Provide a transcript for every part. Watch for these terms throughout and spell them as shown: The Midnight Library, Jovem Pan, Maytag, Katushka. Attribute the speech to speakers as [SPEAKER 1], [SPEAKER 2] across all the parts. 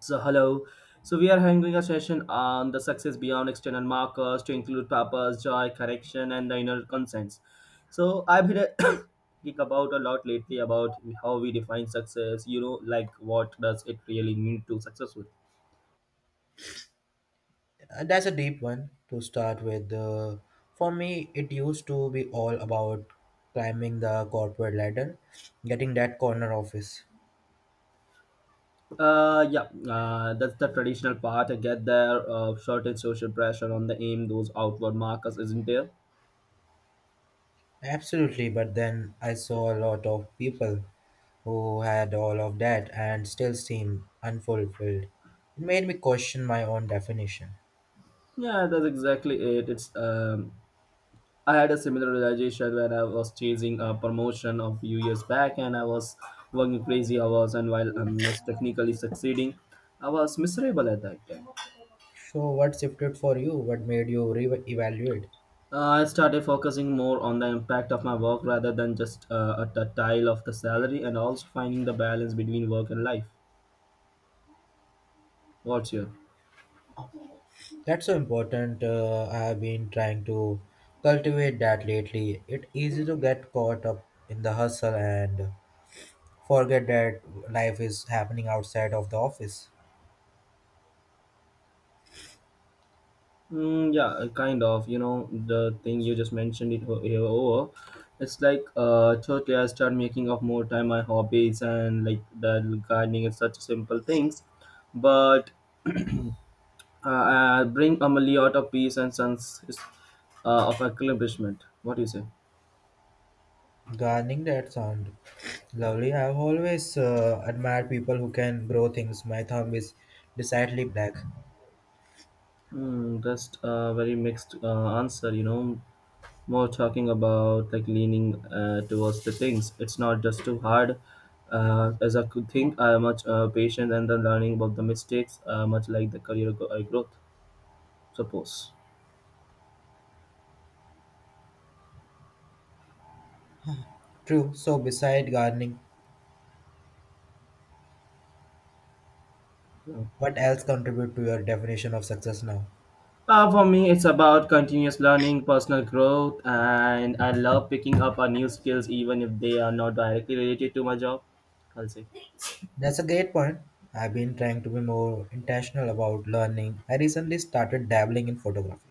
[SPEAKER 1] So hello. So we are having a session on the success beyond external markers to include purpose, joy, correction, and the inner consents. So I've been think about a lot lately about how we define success. You know, like what does it really mean to successful?
[SPEAKER 2] That's a deep one to start with. For me, it used to be all about climbing the corporate ladder, getting that corner office.
[SPEAKER 1] Yeah, that's the traditional part. I get there. Shortened social pressure on the aim, those outward markers, isn't there?
[SPEAKER 2] Absolutely, but then I saw a lot of people who had all of that and still seemed unfulfilled. It made me question my own definition.
[SPEAKER 1] Yeah, that's exactly it. It's I had a similar realization when I was chasing a promotion a few years back and I was working crazy hours, and while I was technically succeeding, I was miserable at that time.
[SPEAKER 2] So, what shifted for you? What made you re evaluate?
[SPEAKER 1] I started focusing more on the impact of my work rather than just at the tile of the salary, and also finding the balance between work and life. What's your?
[SPEAKER 2] That's so important. I have been trying to cultivate that lately. It's easy to get caught up in the hustle and forget that life is happening outside of the office.
[SPEAKER 1] Mm, yeah, kind of. You know, the thing you just mentioned here over. It's like totally I start making up more time my hobbies and like the gardening and such simple things, but I bring Amelie out of peace and sense of accomplishment. What do you say?
[SPEAKER 2] Gardening that sound lovely. I've always admired people who can grow things. My thumb is decidedly black.
[SPEAKER 1] Just a very mixed answer. You know, more talking about like leaning towards the things. It's not just too hard as I could think. I am much patient and then learning about the mistakes, much like the career growth, suppose.
[SPEAKER 2] True. So beside gardening,
[SPEAKER 1] So,
[SPEAKER 2] what else contribute to your definition of success now?
[SPEAKER 1] For me, it's about continuous learning, personal growth, and I love picking up on new skills even if they are not directly related to my job. I'll say.
[SPEAKER 2] That's a great point. I've been trying to be more intentional about learning. I recently started dabbling in photography.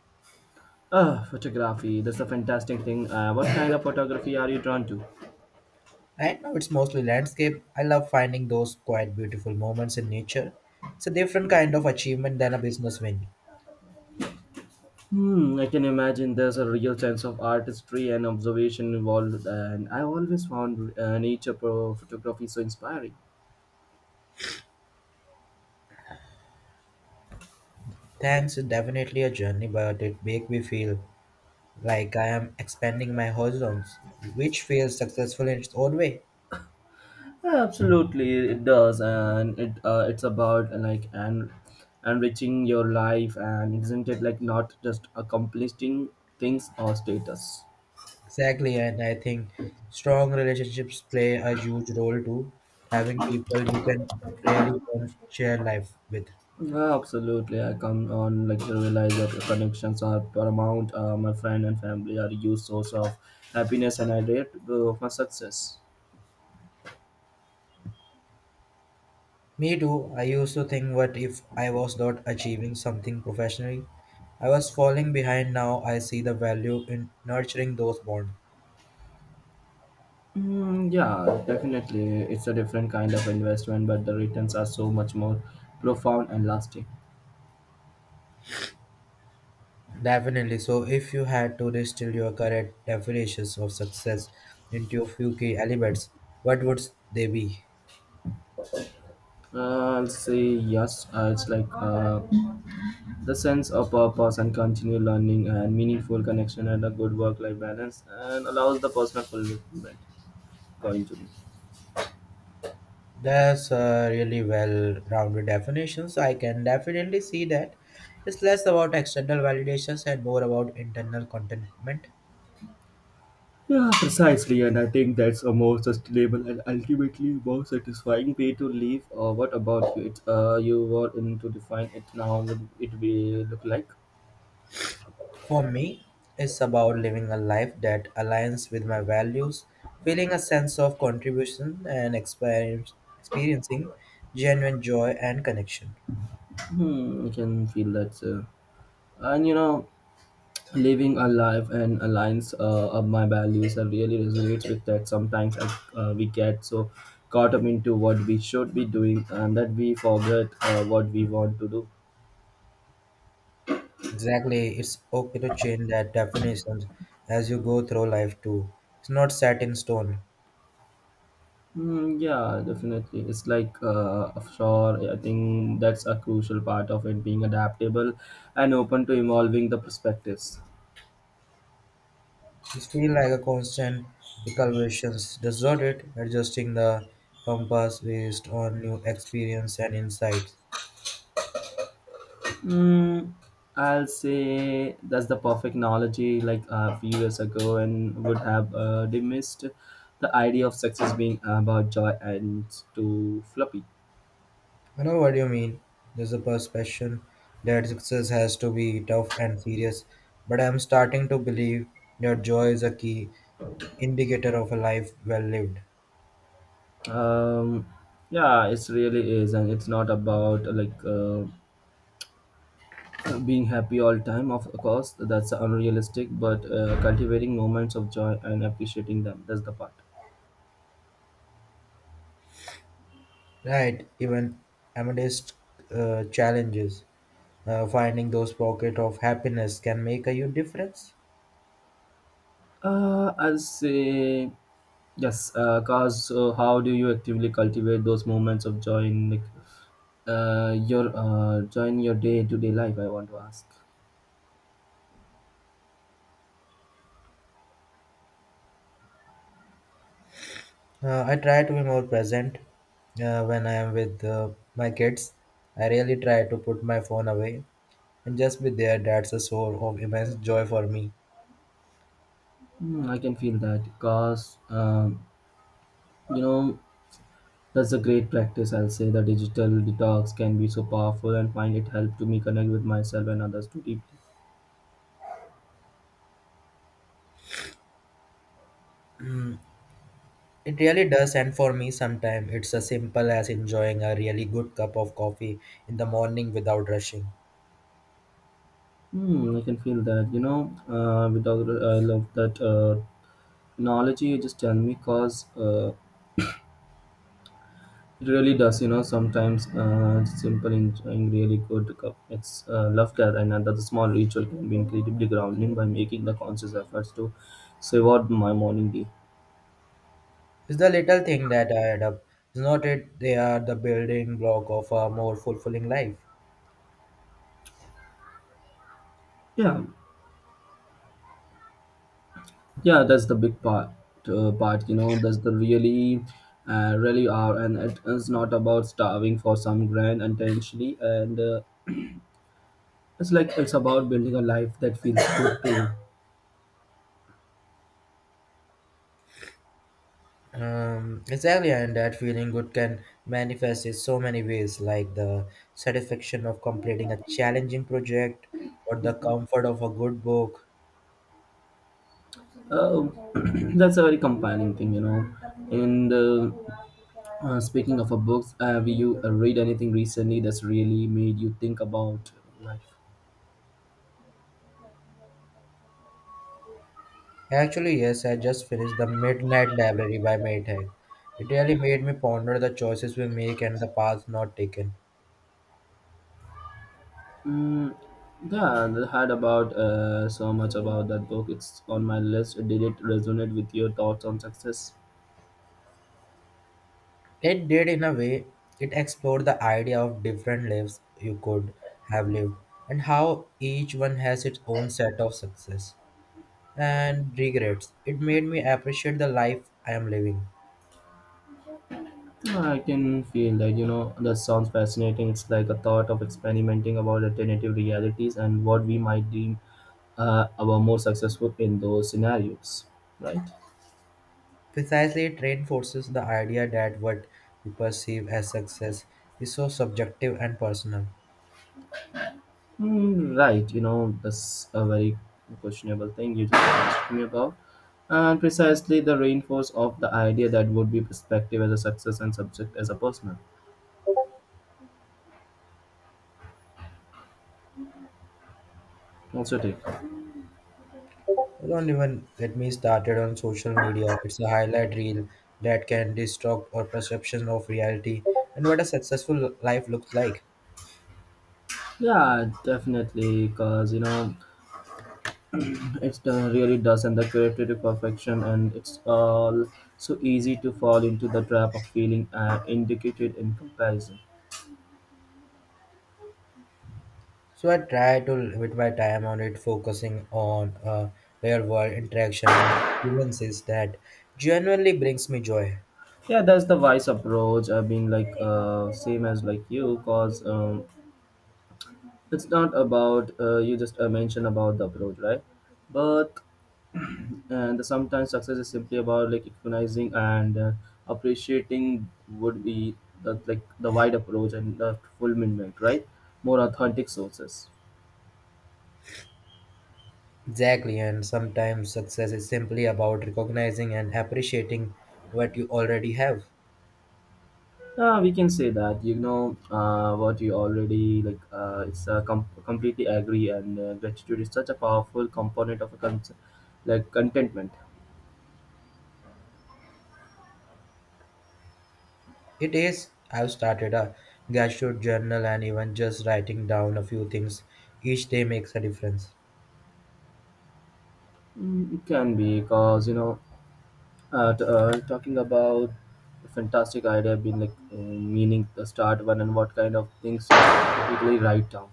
[SPEAKER 1] Oh, photography. That's a fantastic thing. What kind of photography are you drawn to?
[SPEAKER 2] Right now, it's mostly landscape. I love finding those quite beautiful moments in nature. It's a different kind of achievement than a business win.
[SPEAKER 1] Hmm, I can imagine there's a real sense of artistry and observation involved, and I always found nature photography so inspiring.
[SPEAKER 2] Thanks is definitely a journey, but it makes me feel like I am expanding my horizons, which feels successful in its own way.
[SPEAKER 1] Yeah, absolutely, it does, and it's about like and enriching your life, and isn't it like not just accomplishing things or status?
[SPEAKER 2] Exactly, and I think strong relationships play a huge role too. Having people you can really want share life with.
[SPEAKER 1] Yeah, absolutely. I come on like to realize that connections are paramount. My friend and family are a huge source of happiness and a rate of my success.
[SPEAKER 2] Me too. I used to think what if I was not achieving something professionally? I was falling behind. Now I see the value in nurturing those bonds.
[SPEAKER 1] Mm, yeah, definitely. It's a different kind of investment, but the returns are so much more profound and lasting.
[SPEAKER 2] Definitely. So, if you had to distill your current definitions of success into a few key elements, what would they be?
[SPEAKER 1] I'll say yes. It's like the sense of purpose and continued learning and meaningful connection and a good work-life balance and allows the personal fulfillment, according to me.
[SPEAKER 2] That's a really well-rounded definitions. I can definitely see that. It's less about external validations and more about internal contentment.
[SPEAKER 1] Yeah, precisely, and I think that's a more sustainable and ultimately more satisfying way to live. Or what about you? You were into define it now. Would it be look like?
[SPEAKER 2] For me, it's about living a life that aligns with my values, feeling a sense of contribution, and experiencing genuine joy and connection.
[SPEAKER 1] Hmm, I can feel that, sir. And you know, living a life and aligns of my values. I really resonates with that. Sometimes we get so caught up into what we should be doing, and that we forget what we want to do.
[SPEAKER 2] Exactly, it's okay to change that definition as you go through life too. It's not set in stone.
[SPEAKER 1] Mm, yeah, definitely. It's like sure. I think that's a crucial part of it being adaptable and open to evolving the perspectives.
[SPEAKER 2] It feels like a constant recalibration, doesn't it? Adjusting the compass based on new experience and insights.
[SPEAKER 1] Mm, I'll say that's the perfect analogy. Like a few years ago, and would have dismissed the idea of success being about joy and too floppy.
[SPEAKER 2] I know what you mean. There's a perception that success has to be tough and serious, but I'm starting to believe that joy is a key indicator of a life well lived.
[SPEAKER 1] Um, yeah, it really is, and it's not about like being happy all time. Of course, that's unrealistic. But cultivating moments of joy and appreciating them—that's the part.
[SPEAKER 2] Right, even amidst challenges, finding those pockets of happiness can make a huge difference.
[SPEAKER 1] I'll say yes, because cause so how do you actively cultivate those moments of joy in like, your joy in your day to day life? I want to ask.
[SPEAKER 2] I try to be more present when I am with my kids. I really try to put my phone away and just be there. That's a source of immense joy for me.
[SPEAKER 1] Hmm, I can feel that cause you know that's a great practice. I'll say the digital detox can be so powerful and find it helped to me connect with myself and others too deeply.
[SPEAKER 2] It really does, and for me, sometimes it's as simple as enjoying a really good cup of coffee in the morning without rushing.
[SPEAKER 1] Hmm, I can feel that without I love that technology. You just tell me cause. It really does. Sometimes simple enjoying really good cup. It's love that, and another small ritual can be incredibly grounding by making the conscious efforts to savour my morning day.
[SPEAKER 2] It's the little thing that add up. It's not it, they are the building block of a more fulfilling life.
[SPEAKER 1] Yeah, yeah, that's the big part. Part, that's the really are, and it is not about starving for some grand intentionally, and it's like it's about building a life that feels good too.
[SPEAKER 2] Exactly, and that feeling good can manifest in so many ways, like the satisfaction of completing a challenging project or the comfort of a good book.
[SPEAKER 1] Uh, that's a very compelling thing. And speaking of a books, have you read anything recently that's really made you think about life?
[SPEAKER 2] Actually, yes, I just finished The Midnight Library by Maytag. It really made me ponder the choices we make and the paths not taken.
[SPEAKER 1] Mm, yeah, I heard about so much about that book. It's on my list. Did it resonate with your thoughts on success?
[SPEAKER 2] It did, in a way, it explored the idea of different lives you could have lived and how each one has its own set of success and regrets. It made me appreciate the life I am living.
[SPEAKER 1] I can feel that. That sounds fascinating. It's like a thought of experimenting about alternative realities and what we might deem our more successful in those scenarios, right?
[SPEAKER 2] Precisely, it reinforces the idea that what we perceive as success is so subjective and personal.
[SPEAKER 1] Mm, right, that's a very questionable thing you just asked me about. And precisely the reinforce of the idea that would be perspective as a success and subject as a personal. What's your take?
[SPEAKER 2] Don't even get me started on social media. It's a highlight reel that can distort our perception of reality and what a successful life looks like.
[SPEAKER 1] Yeah, definitely, because it really does, and the creative to perfection, and it's all so easy to fall into the trap of feeling indicated in comparison.
[SPEAKER 2] So I try to limit my time on it, focusing on real world interaction and experiences that genuinely brings me joy.
[SPEAKER 1] Yeah, that's the wise approach. I've been like same as like you, cause it's not about you just mentioned about the approach right, but and sometimes success is simply about like recognizing and appreciating would be the like the wide approach and the fulfillment right, more authentic sources.
[SPEAKER 2] Exactly, and sometimes success is simply about recognizing and appreciating what you already have.
[SPEAKER 1] Yeah, we can say that what you already it's completely agree, and gratitude is such a powerful component of like contentment.
[SPEAKER 2] It is, I've started a gratitude journal and even just writing down a few things each day makes a difference.
[SPEAKER 1] It can be, because talking about the fantastic idea being meaning the start one, and what kind of things you typically write down.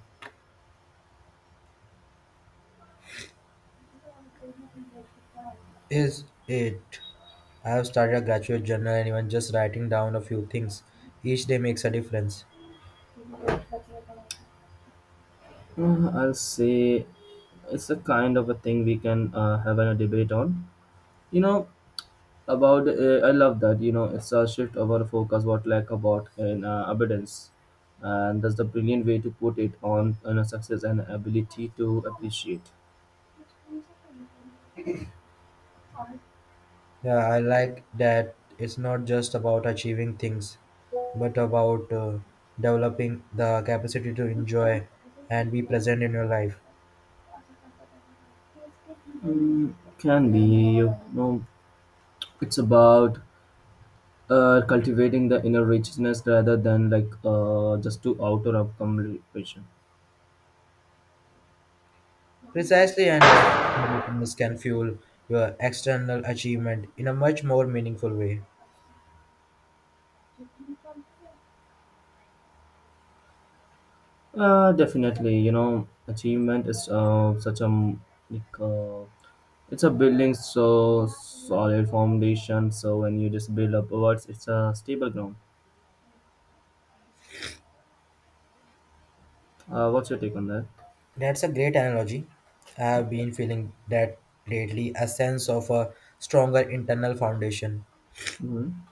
[SPEAKER 2] Is it? I've started a gratitude journal and even just writing down a few things each day makes a difference.
[SPEAKER 1] I'll say it's a kind of a thing we can have a debate on, you know about I love that it's a shift of our focus what lack about in abundance, and that's the brilliant way to put it on a success and ability to appreciate.
[SPEAKER 2] Yeah, I like that it's not just about achieving things, but about developing the capacity to enjoy and be present in your life.
[SPEAKER 1] Mm, can be, you know it's about cultivating the inner richness rather than just to outer accomplishment.
[SPEAKER 2] Precisely, and that motivations can fuel your external achievement in a much more meaningful way.
[SPEAKER 1] Definitely, achievement is such a m- like it's a building so solid foundation. So when you just build upwards, it's a stable ground. What's your take on that?
[SPEAKER 2] That's a great analogy. I have been feeling that lately a sense of a stronger internal foundation.
[SPEAKER 1] Hmm.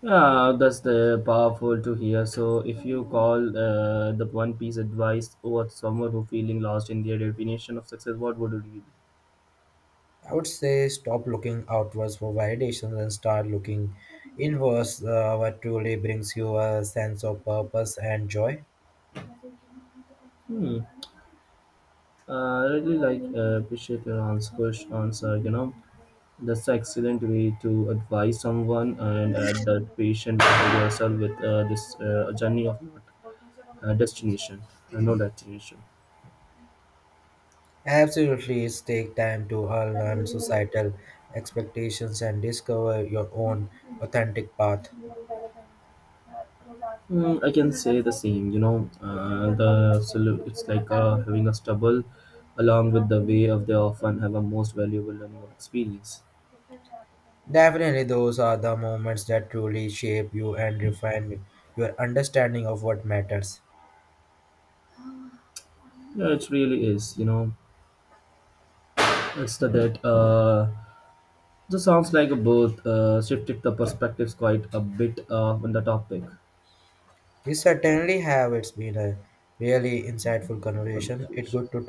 [SPEAKER 1] Yeah, that's the powerful to hear. So if you call the one piece advice or someone who feeling lost in their definition of success, what would it be?
[SPEAKER 2] I would say stop looking outwards for validation and start looking inwards, what truly brings you a sense of purpose and joy.
[SPEAKER 1] Hmm. I really appreciate your answer. You know, that's an excellent way to advise someone and add that patient for yourself with this journey of not destination, no destination.
[SPEAKER 2] Absolutely, it's take time to unlearn societal expectations and discover your own authentic path.
[SPEAKER 1] I can say the same. You know, the solu- it's like having a stubble along with the way of they often have a most valuable learning experience.
[SPEAKER 2] Definitely, those are the moments that truly shape you and refine your understanding of what matters.
[SPEAKER 1] Yeah, it really is. You know, it's the that this sounds like both shifted the perspectives quite a bit on the topic
[SPEAKER 2] You certainly have. It's been a really insightful
[SPEAKER 1] of
[SPEAKER 2] conversation. It's
[SPEAKER 1] conversation.
[SPEAKER 2] good to